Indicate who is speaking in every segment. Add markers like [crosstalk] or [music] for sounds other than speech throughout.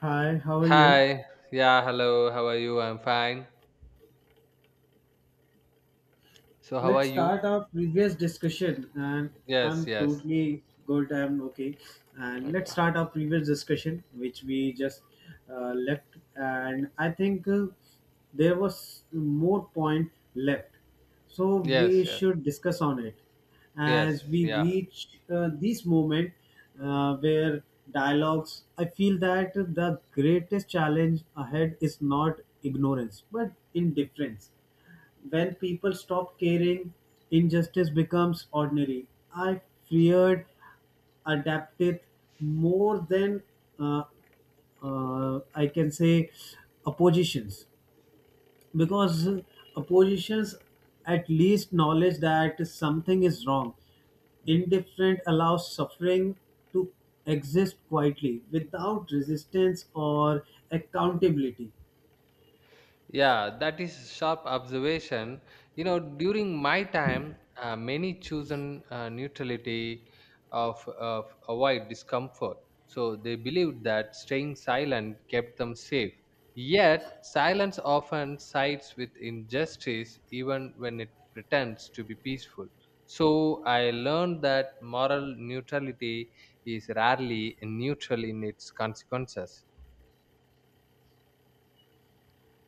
Speaker 1: Hi, how are you?
Speaker 2: Hi. Yeah, hello. How are you? I'm fine. So, how are
Speaker 1: Let's
Speaker 2: you?
Speaker 1: start our previous discussion, and
Speaker 2: Yes,
Speaker 1: I'm
Speaker 2: yes.
Speaker 1: totally good. I'm okay, and let's
Speaker 2: Okay.
Speaker 1: start our previous discussion, which we just left. And I think there was more point left, so
Speaker 2: Yes,
Speaker 1: we
Speaker 2: yes.
Speaker 1: should discuss on it as
Speaker 2: Yes,
Speaker 1: we
Speaker 2: yeah.
Speaker 1: reach this moment where dialogues. I feel that the greatest challenge ahead is not ignorance, but indifference. When people stop caring, injustice becomes ordinary. I feared adapted more than uh, I can say oppositions because oppositions at least knowledge that something is wrong. Indifferent allows suffering to exist quietly without resistance or accountability.
Speaker 2: Yeah, that is sharp observation. You know, during my time, many chosen neutrality of avoid discomfort. So they believed that staying silent kept them safe. Yet, silence often sides with injustice, even when it pretends to be peaceful. So I learned that moral neutrality is rarely neutral in its consequences.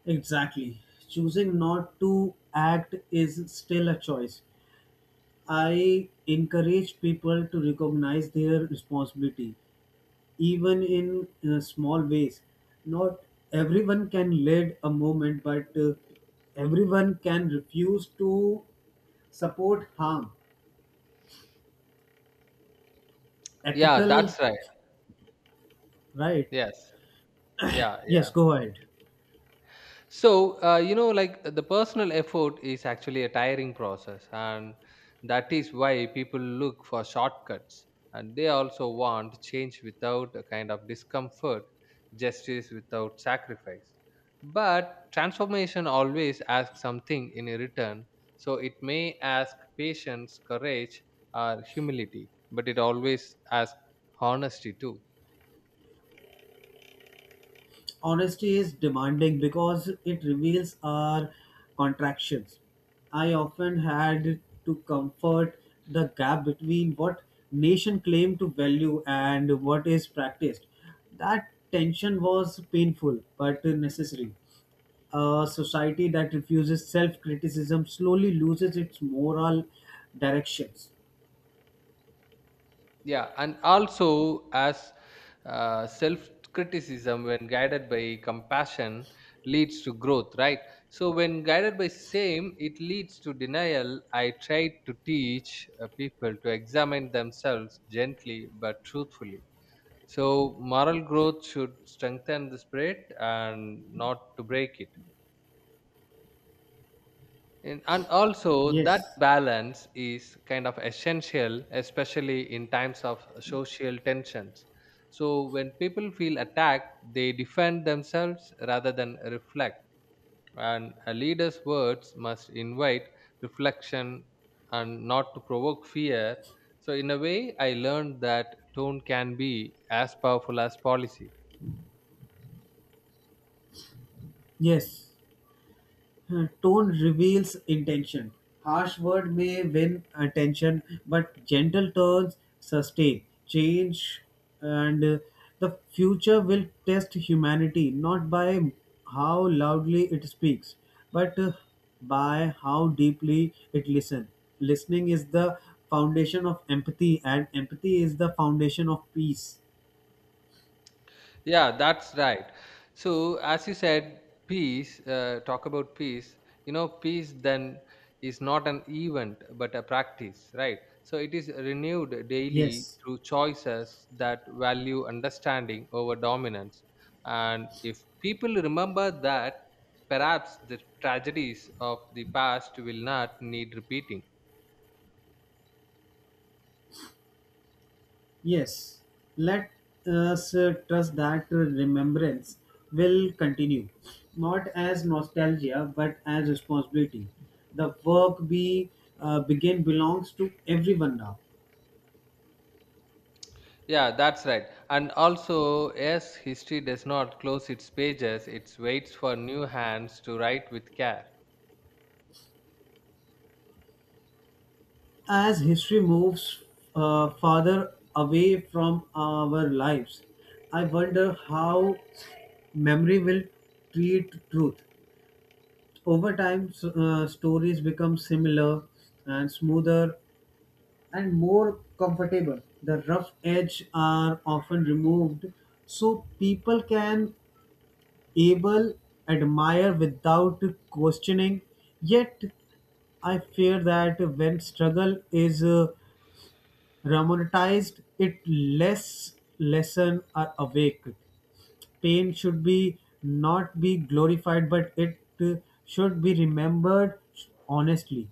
Speaker 1: Exactly. Choosing not to act is still a choice. I encourage people to recognize their responsibility, even in small ways. Not everyone can lead a movement, but everyone can refuse to support harm.
Speaker 2: Yeah,
Speaker 1: Ethical,
Speaker 2: that's right.
Speaker 1: right?
Speaker 2: Yes. Yeah,
Speaker 1: Yes,
Speaker 2: yeah.
Speaker 1: go ahead.
Speaker 2: So, you know, like the personal effort is actually a tiring process, and that is why people look for shortcuts and they also want change without a kind of discomfort, justice without sacrifice. But transformation always asks something in return, so it may ask patience, courage, or humility, but it always asks honesty too.
Speaker 1: Honesty is demanding because it reveals our contractions. I often had to comfort the gap between what nation claim to value and what is practiced. That tension was painful but necessary. A society that refuses self-criticism slowly loses its moral directions.
Speaker 2: Yeah, and also as self criticism when guided by compassion leads to growth, right? So when guided by shame it leads to denial. I try to teach people to examine themselves gently but truthfully. So moral growth should strengthen the spirit and not to break it. And also, that
Speaker 1: Yes.
Speaker 2: balance is kind of essential, especially in times of social tensions. So, when people feel attacked, they defend themselves rather than reflect. And a leader's words must invite reflection and not to provoke fear. So, in a way, I learned that tone can be as powerful as policy.
Speaker 1: Yes. Tone reveals intention. Harsh word may win attention, but gentle tones sustain change, and the future will test humanity not by how loudly it speaks, but by how deeply it listens. Listening is the foundation of empathy, and empathy is the foundation of peace.
Speaker 2: Yeah, that's right. So, as you said, peace, talk about peace. You know, peace then is not an event but a practice, right? So, it is renewed daily
Speaker 1: Yes.
Speaker 2: through choices that value understanding over dominance. And if people remember that, perhaps the tragedies of the past will not need repeating.
Speaker 1: Yes, let us trust that remembrance will continue, not as nostalgia but as responsibility. The work we begin belongs to everyone now.
Speaker 2: Yeah, that's right. And also, yes, history does not close its pages, it waits for new hands to write with care.
Speaker 1: As history moves farther away from our lives, I wonder how memory will treat truth. Over time, stories become similar and smoother and more comfortable. The rough edge are often removed so people can able admire without questioning. Yet I fear that when struggle is romanticized, it less lesson are awake. Pain should be not be glorified, but it should be remembered honestly.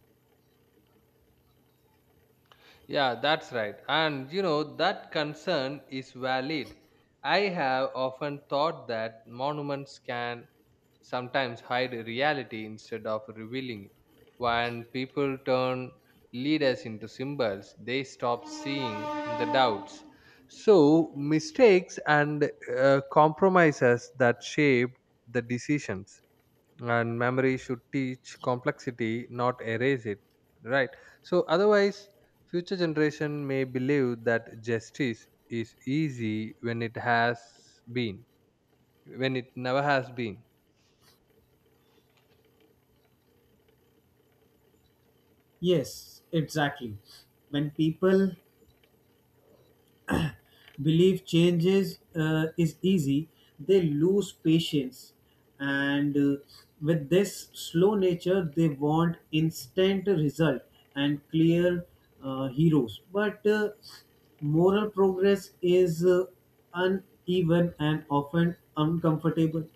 Speaker 2: Yeah, that's right. And you know, that concern is valid. I have often thought that monuments can sometimes hide reality instead of revealing it. When people turn leaders into symbols, they stop seeing the doubts. So, mistakes and compromises that shape the decisions and memory should teach complexity, not erase it, right? So otherwise future generation may believe that justice is easy when it has been, when it never has been.
Speaker 1: Yes, exactly. When people believe changes is easy, they lose patience. And with this slow nature, they want instant result and clear heroes. But moral progress is uneven and often uncomfortable.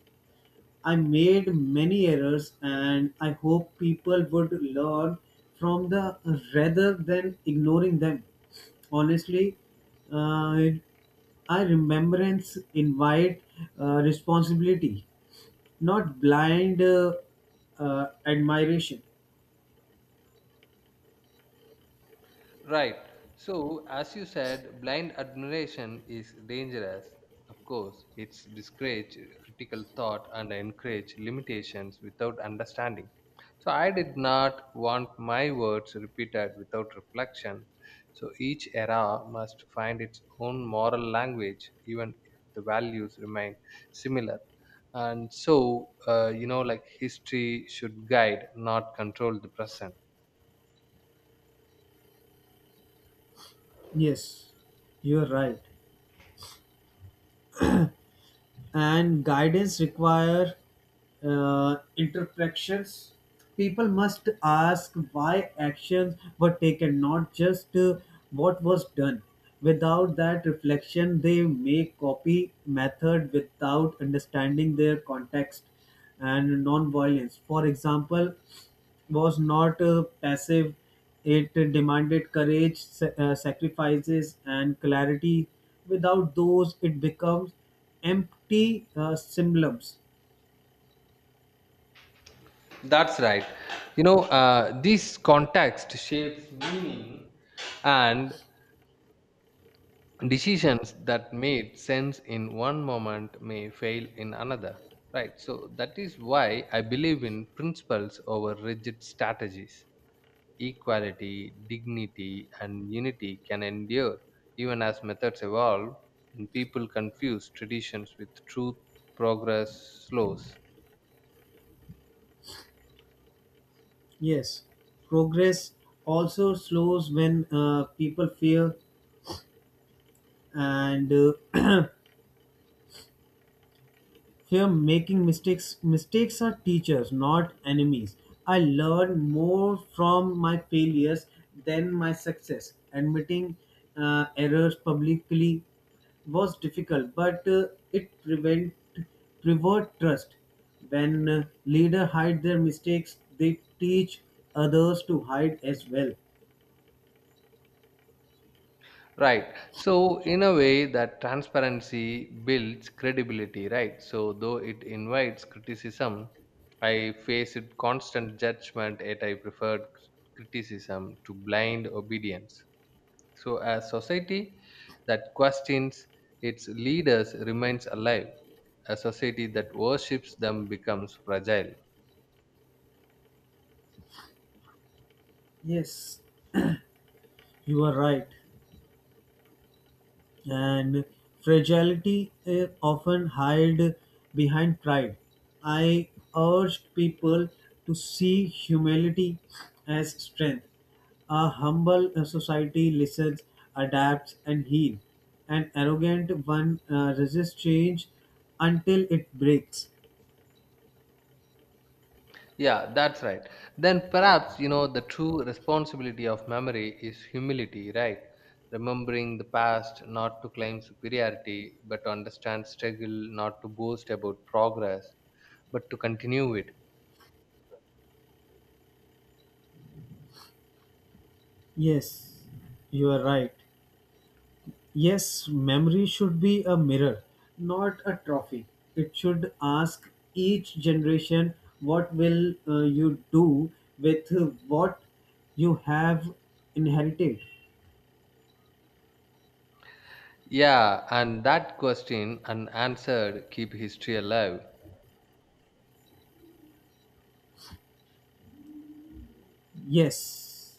Speaker 1: I made many errors and I hope people would learn from the rather than ignoring them. Honestly, uh, I remembrance invite responsibility, not blind admiration.
Speaker 2: Right. So, as you said, blind admiration is dangerous. Of course, it's discourage critical thought and encourage limitations without understanding. So, I did not want my words repeated without reflection. So, each era must find its own moral language, even if the values remain similar. And so, you know, like history should guide, not control the present.
Speaker 1: Yes, you are right. And guidance require interpretations. People must ask why actions were taken, not just what was done. Without that reflection, they may copy method without understanding their context and non-violence, for example, was not passive. It demanded courage, sacrifices, and clarity. Without those, it becomes empty symbols.
Speaker 2: That's right. You know, this context shapes meaning and decisions that made sense in one moment may fail in another. Right. So that is why I believe in principles over rigid strategies. Equality, dignity, and unity can endure even as methods evolve, and people confuse traditions with truth, progress slows.
Speaker 1: Yes, progress also slows when people fear and [clears throat] here, making mistakes are teachers, not enemies. I learn more from my failures than my success. Admitting errors publicly was difficult, but it prevent preserved trust. When leader hide their mistakes, they teach others to hide as well.
Speaker 2: Right. So, in a way, that transparency builds credibility, right? So, though it invites criticism, I face it constant judgment, yet I preferred criticism to blind obedience. So, as society that questions its leaders remains alive. A society that worships them becomes fragile.
Speaker 1: Yes, you are right. And fragility often hide behind pride. I urged people to see humility as strength. A humble society listens, adapts, and heals. An arrogant one resists change until it breaks.
Speaker 2: Yeah, that's right. Then perhaps, you know, the true responsibility of memory is humility, right? Remembering the past, not to claim superiority, but to understand struggle, not to boast about progress, but to continue it.
Speaker 1: Yes, you are right. Yes, memory should be a mirror, not a trophy. It should ask each generation what will you do with what you have inherited.
Speaker 2: Yeah, and that question unanswered keep history alive.
Speaker 1: Yes,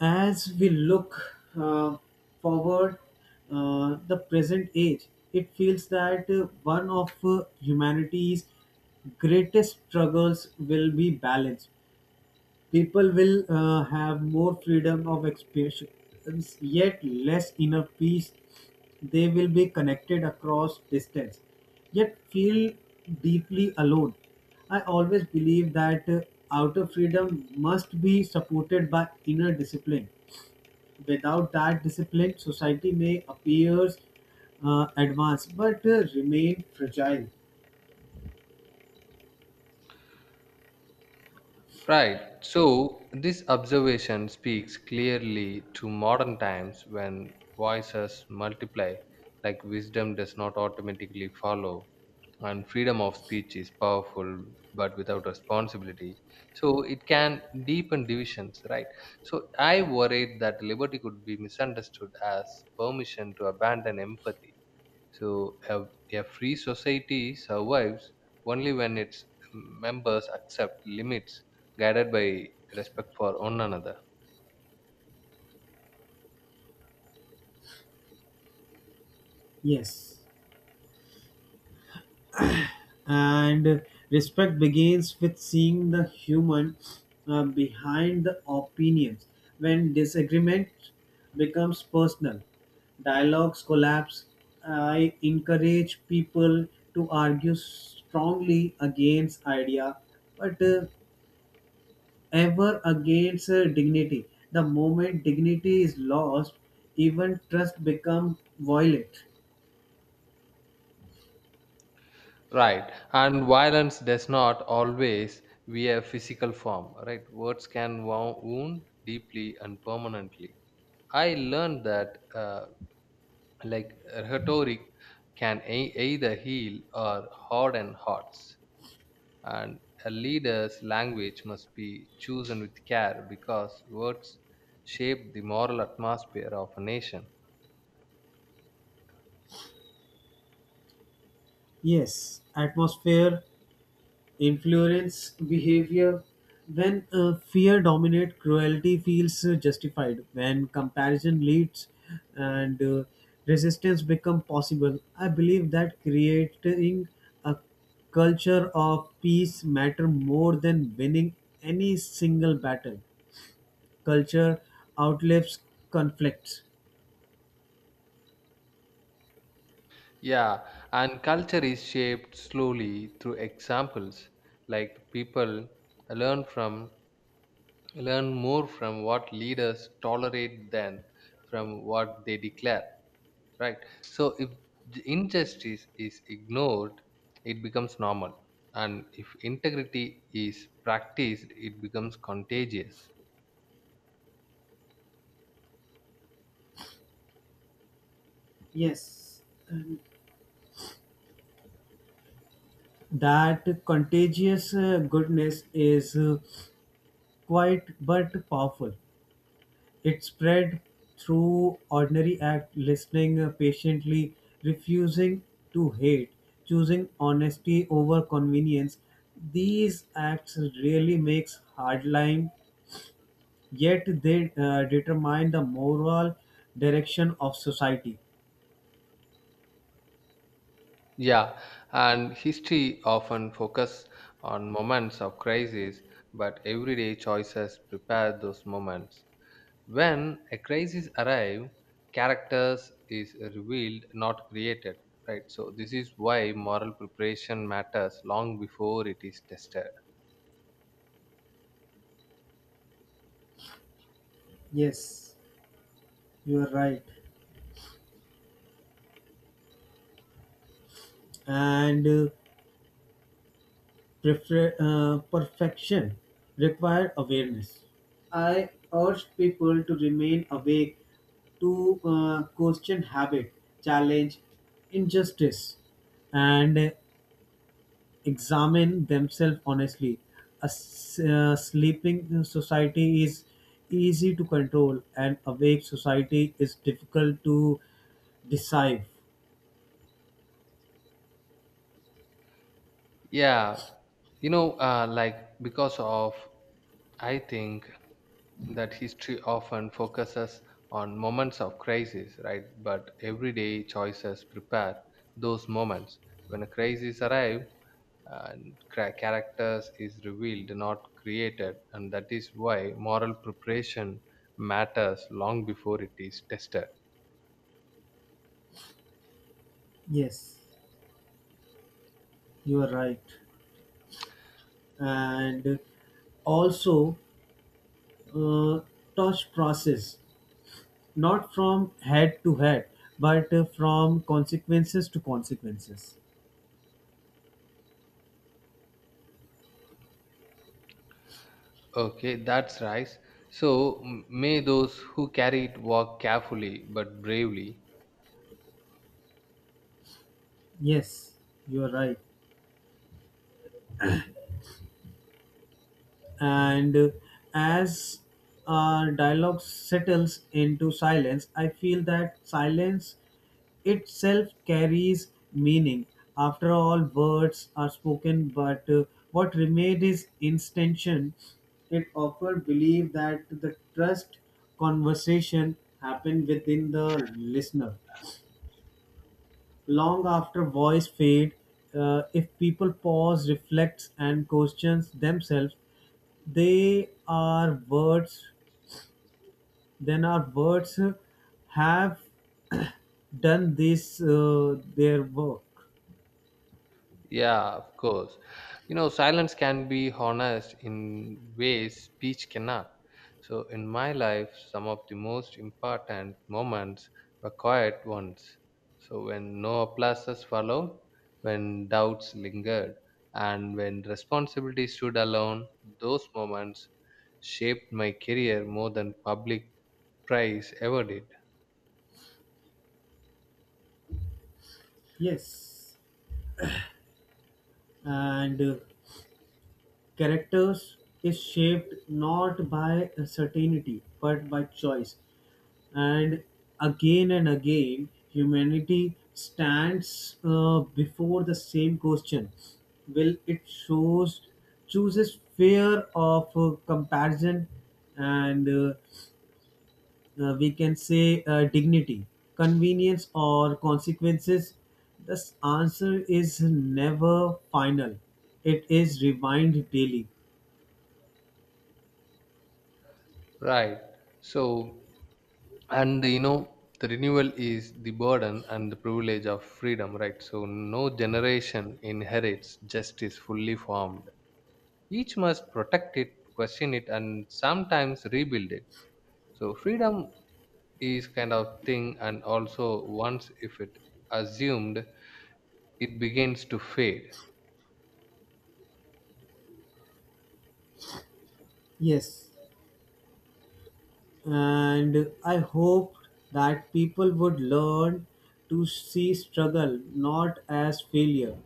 Speaker 1: as we look forward the present age, it feels that one of humanity's greatest struggles will be balance. People will have more freedom of expressions, yet less inner peace. They will be connected across distance, yet feel deeply alone. I always believe that outer freedom must be supported by inner discipline. Without that discipline, society may appear advanced but remain fragile.
Speaker 2: Right. So this observation speaks clearly to modern times when voices multiply, like wisdom does not automatically follow. And freedom of speech is powerful but without responsibility, so it can deepen divisions, right? So I worried that liberty could be misunderstood as permission to abandon empathy. So a free society survives only when its members accept limits guided by respect for one another.
Speaker 1: Yes. And respect begins with seeing the human behind the opinions. When disagreement becomes personal, dialogues collapse. I encourage people to argue strongly against idea, but ever against dignity. The moment dignity is lost, even trust becomes violent.
Speaker 2: Right. And violence does not always wear physical form, right? Words can wound deeply and permanently. I learned that like rhetoric can either heal or harden hearts, and a leader's language must be chosen with care because words shape the moral atmosphere of a nation.
Speaker 1: Yes, atmosphere influence behavior. When fear dominates, cruelty feels justified. When comparison leads and resistance become possible, I believe that creating a culture of peace matter more than winning any single battle. Culture outlives conflicts.
Speaker 2: Yeah, and culture is shaped slowly through examples. Like people learn from learn more from what leaders tolerate than from what they declare. Right, so if injustice is ignored it becomes normal, and if integrity is practiced it becomes contagious.
Speaker 1: Yes, and that contagious goodness is quiet but powerful. It spread through ordinary act, listening patiently, refusing to hate, choosing honesty over convenience. These acts really makes hardline, yet they determine the moral direction of society.
Speaker 2: Yeah, and history often focus on moments of crisis, but everyday choices prepare those moments. When a crisis arrive, characters is revealed, not created, right? So this is why moral preparation matters long before it is tested.
Speaker 1: Yes, you are right. And perfection require awareness. I urged people to remain awake to question habit, challenge injustice, and examine themselves honestly. A sleeping society is easy to control, and awake society is difficult to decide.
Speaker 2: Yeah, you know, like because of, I think that history often focuses on moments of crisis, right? But everyday choices prepare those moments. When a crisis arrives, and characters is revealed, not created, and that is why moral preparation matters long before it is tested.
Speaker 1: Yes, you are right. And also, uh, touch process, not from head to head, but from consequences to consequences.
Speaker 2: Okay, that's right. So may those who carry it walk carefully but bravely.
Speaker 1: Yes, you are right. And as our dialogue settles into silence, I feel that silence itself carries meaning. After all words are spoken, but what remained is intention. It often believe that the trust conversation happened within the listener. Long after voice fade, if people pause, reflects, and questions themselves, they are words. Then our words have [coughs] [clears throat] done this their work.
Speaker 2: Yeah, of course. You know, silence can be honest in ways speech cannot. So, in my life, some of the most important moments were quiet ones. So, when no applauses followed, when doubts lingered, and when responsibility stood alone, those moments shaped my career more than public praise ever did.
Speaker 1: Yes, and characters is shaped not by certainty but by choice. And and again, humanity stands before the same question. Will it shows chooses fear of comparison and we can say dignity, convenience or consequences? This answer is never final. It is refined daily.
Speaker 2: Right. So, and you know the renewal is the burden and the privilege of freedom, right? So no generation inherits justice fully formed, each must protect it, question it, and sometimes rebuild it. So freedom is kind of thing, and also once if it assumed, it begins to fade.
Speaker 1: Yes, and I hope that people would learn to see struggle not as failure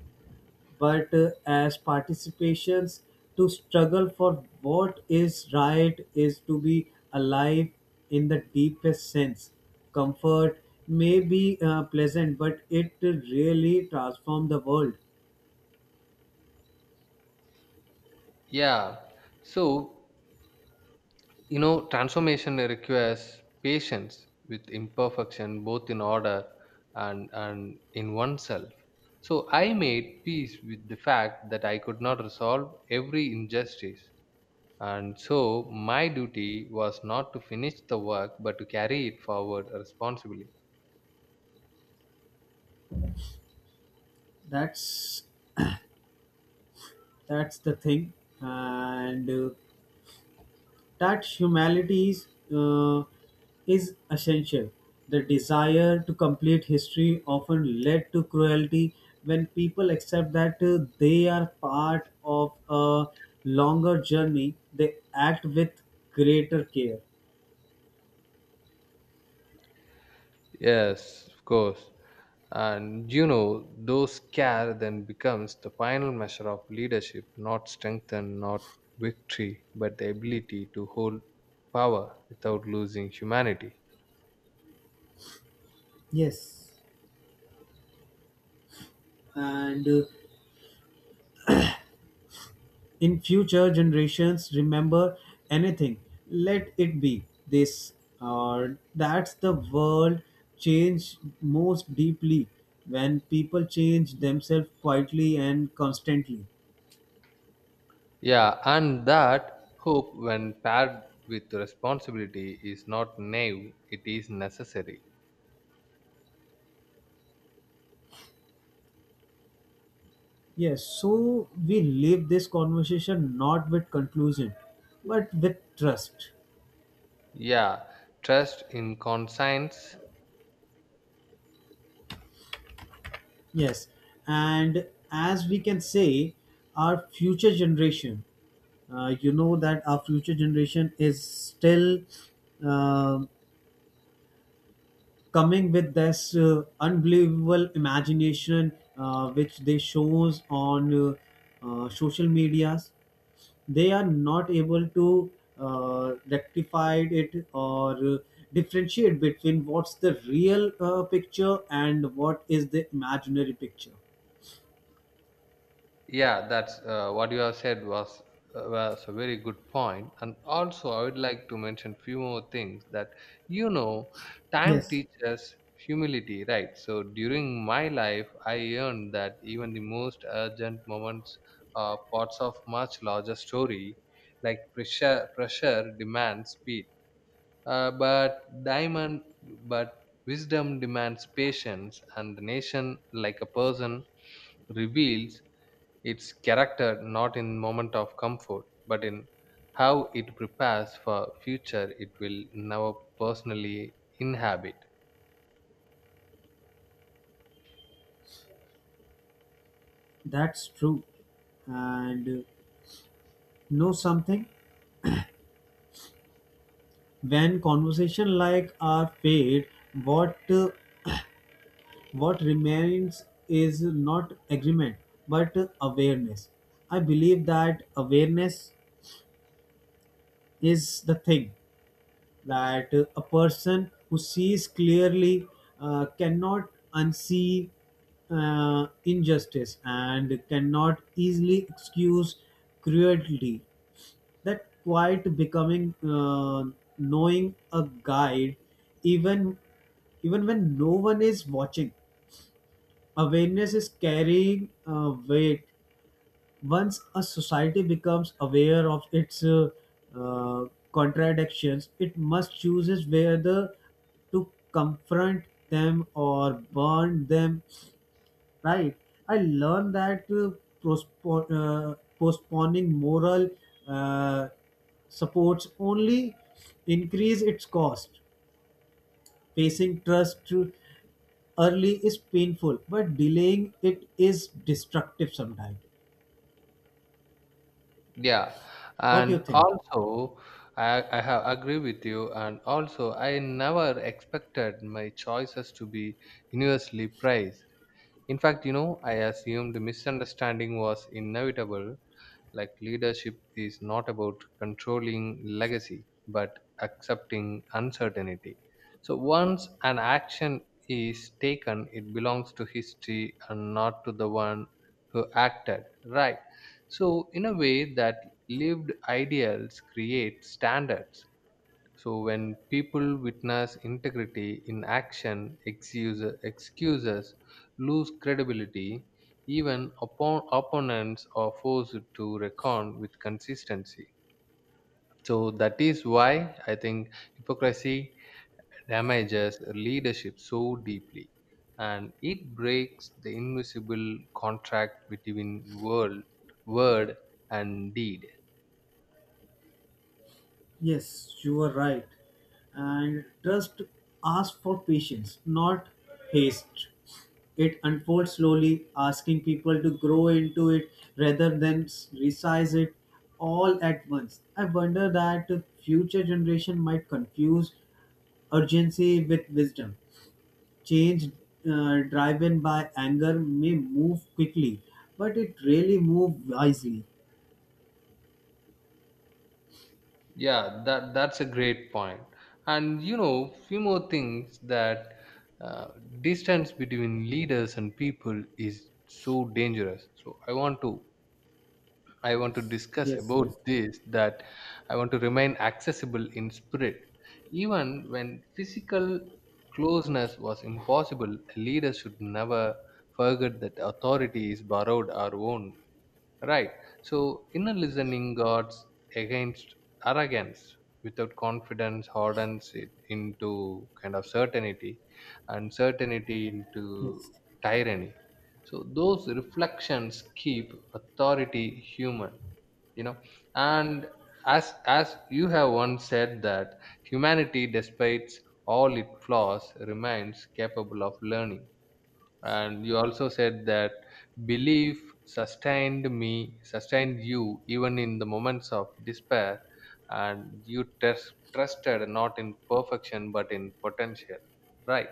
Speaker 1: but as participations. To struggle for what is right is to be alive in the deepest sense. Comfort may be pleasant, but it really transforms the world.
Speaker 2: Yeah, so you know, transformation requires patience with imperfection, both in order and in oneself. So I made peace with the fact that I could not resolve every injustice. And so my duty was not to finish the work but to carry it forward responsibly.
Speaker 1: That's that's the thing, and that humanity uh, is essential. The desire to complete history often led to cruelty. When people accept that they are part of a longer journey, they act with greater care.
Speaker 2: Yes, of course. And you know, those care then becomes the final measure of leadership, not strength and not victory, but the ability to hold power without losing humanity.
Speaker 1: Yes, and in future generations remember anything, let it be this or that's the world change most deeply when people change themselves quietly and constantly.
Speaker 2: Yeah, and that hope, when paired with responsibility, is not naive, it is necessary.
Speaker 1: Yes, so we leave this conversation not with conclusion but with trust.
Speaker 2: Yeah, trust in conscience.
Speaker 1: Yes, and as we can say our future generation, you know that our future generation is still um coming with this unbelievable imagination which they shows on social medias. They are not able to rectify it or differentiate between what's the real picture and what is the imaginary picture.
Speaker 2: Yeah, that's what you have said was a very good point. And also, I would like to mention few more things that, you know, time
Speaker 1: Yes,
Speaker 2: teaches humility, right? So during my life, I learned that even the most urgent moments are parts of much larger story, like pressure demands speed, uh, but diamond, but wisdom demands patience, and the nation, like a person, reveals its character not in moment of comfort, but in how it prepares for future it will never personally inhabit.
Speaker 1: that's true. And know something, when conversation like are paid, what uh, what remains is not agreement, but awareness. I believe that awareness is the thing that a person who sees clearly cannot unsee injustice and cannot easily excuse cruelty. That quite becoming knowing a guide, even when no one is watching. Awareness is carrying weight. Once a society becomes aware of its uh, contradictions, it must chooses whether to confront them or burn them. Right? I learned that postponing moral uh, supports only increase its cost. Facing trust early is painful, but delaying it is destructive sometimes.
Speaker 2: Yeah,
Speaker 1: What do you
Speaker 2: and
Speaker 1: think?
Speaker 2: also I have agree with you, and also I never expected my choices to be universally praised. In fact, you know, I assumed misunderstanding was inevitable, like leadership is not about controlling legacy, but accepting uncertainty. So once an action is taken, it belongs to history and not to the one who acted, right? So, in a way, that lived ideals create standards, so when people witness integrity in action, excuses lose credibility. Even upon opponents are forced to reckon with consistency. So that is why I think hypocrisy damages leadership so deeply, and it breaks the invisible contract between world, word, and deed.
Speaker 1: Yes, you are right. And trust asks for patience, not haste. It unfolds slowly, asking people to grow into it rather than resize it all at once. I wonder that the future generation might confuse urgency with wisdom. Change driven by anger may move quickly, but it really moves wisely.
Speaker 2: Yeah, that that's a great point. And you know, few more things that, uh, distance between leaders and people is so dangerous. So I want to discuss
Speaker 1: Yes,
Speaker 2: about
Speaker 1: yes,
Speaker 2: this, that I want to remain accessible in spirit even when physical closeness was impossible. A leader should never forget that authority is borrowed or owned. Right. So inner listening guards against arrogance without confidence, hardens it into kind of certainty, and certainty
Speaker 1: yes,
Speaker 2: into tyranny. So those reflections keep authority human, you know. And as you have once said that humanity, despite all its flaws, remains capable of learning, and you also said that belief sustained you even in the moments of despair, and you trusted not in perfection but in potential, right?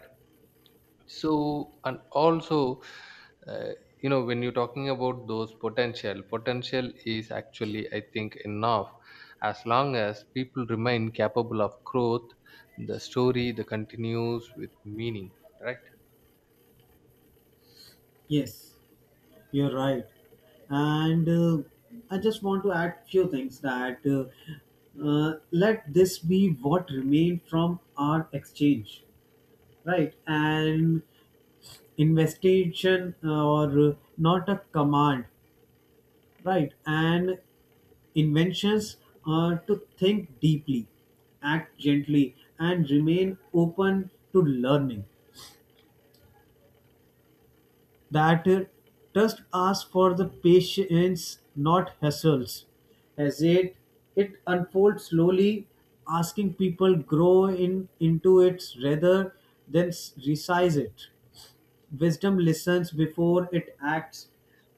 Speaker 2: So and also, uh, you know, when you're talking about those potential is actually, I think, enough. As long as people remain capable of growth, the story the continues with meaning, right?
Speaker 1: yes. You're right. And I just want to add few things that let this be what remained from our exchange, right? An investigation or not a command, right? And inventions are to think deeply, act gently, and remain open to learning. That trust asks for the patience, not hassles. As it, it unfolds slowly, asking people grow in into it rather than resize it. Wisdom listens before it acts.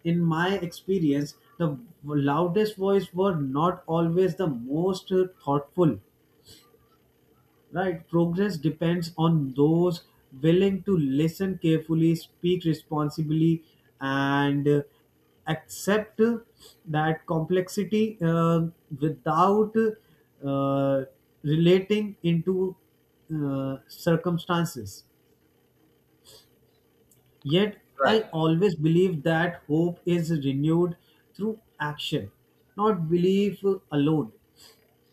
Speaker 1: In my experience, the loudest voice were not always the most thoughtful. Right, progress depends on those willing to listen carefully, speak responsibly, and accept that complexity without uh, relating into circumstances. Yet,
Speaker 2: Right.
Speaker 1: I always believe that hope is renewed through action, not belief alone.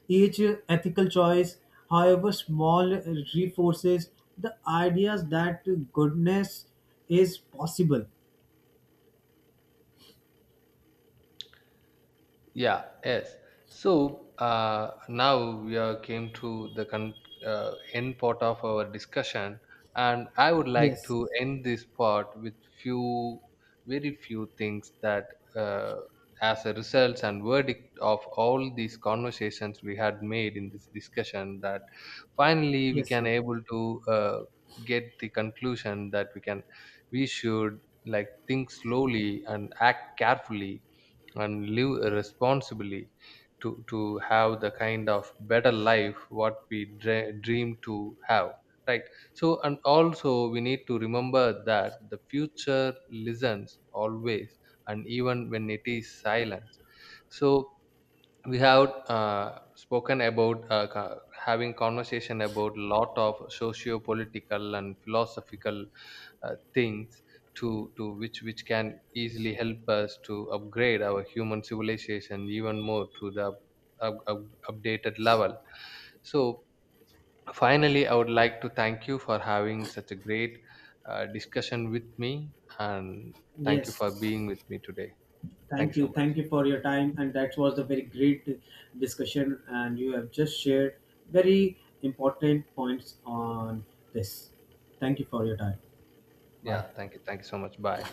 Speaker 1: Each ethical choice, however small, reinforces the ideas that goodness is possible.
Speaker 2: Yeah, yes. So now we are came to the end part of our discussion, and I would like
Speaker 1: Yes,
Speaker 2: to end this part with few, very few things that, uh, as a result and verdict of all these conversations we had made in this discussion, that finally we
Speaker 1: yes,
Speaker 2: can
Speaker 1: yes.
Speaker 2: able to get the conclusion that we should like think slowly and act carefully and live responsibly to have the kind of better life what we dream to have, right? So and also we need to remember that the future listens always, and even when it is silent. So we have spoken about having conversation about lot of socio-political and philosophical things to which can easily help us to upgrade our human civilization even more to the up, updated level. So finally I would like to thank you for having such a great discussion with me and thank you for
Speaker 1: Yes.
Speaker 2: being with me today. Thank you
Speaker 1: Thank
Speaker 2: so
Speaker 1: you. Thank
Speaker 2: much.
Speaker 1: you for your time. And that was a very great discussion. And you have just shared very important points on this. Thank you for your time. Bye.
Speaker 2: Yeah, thank you, thank you so much. Bye.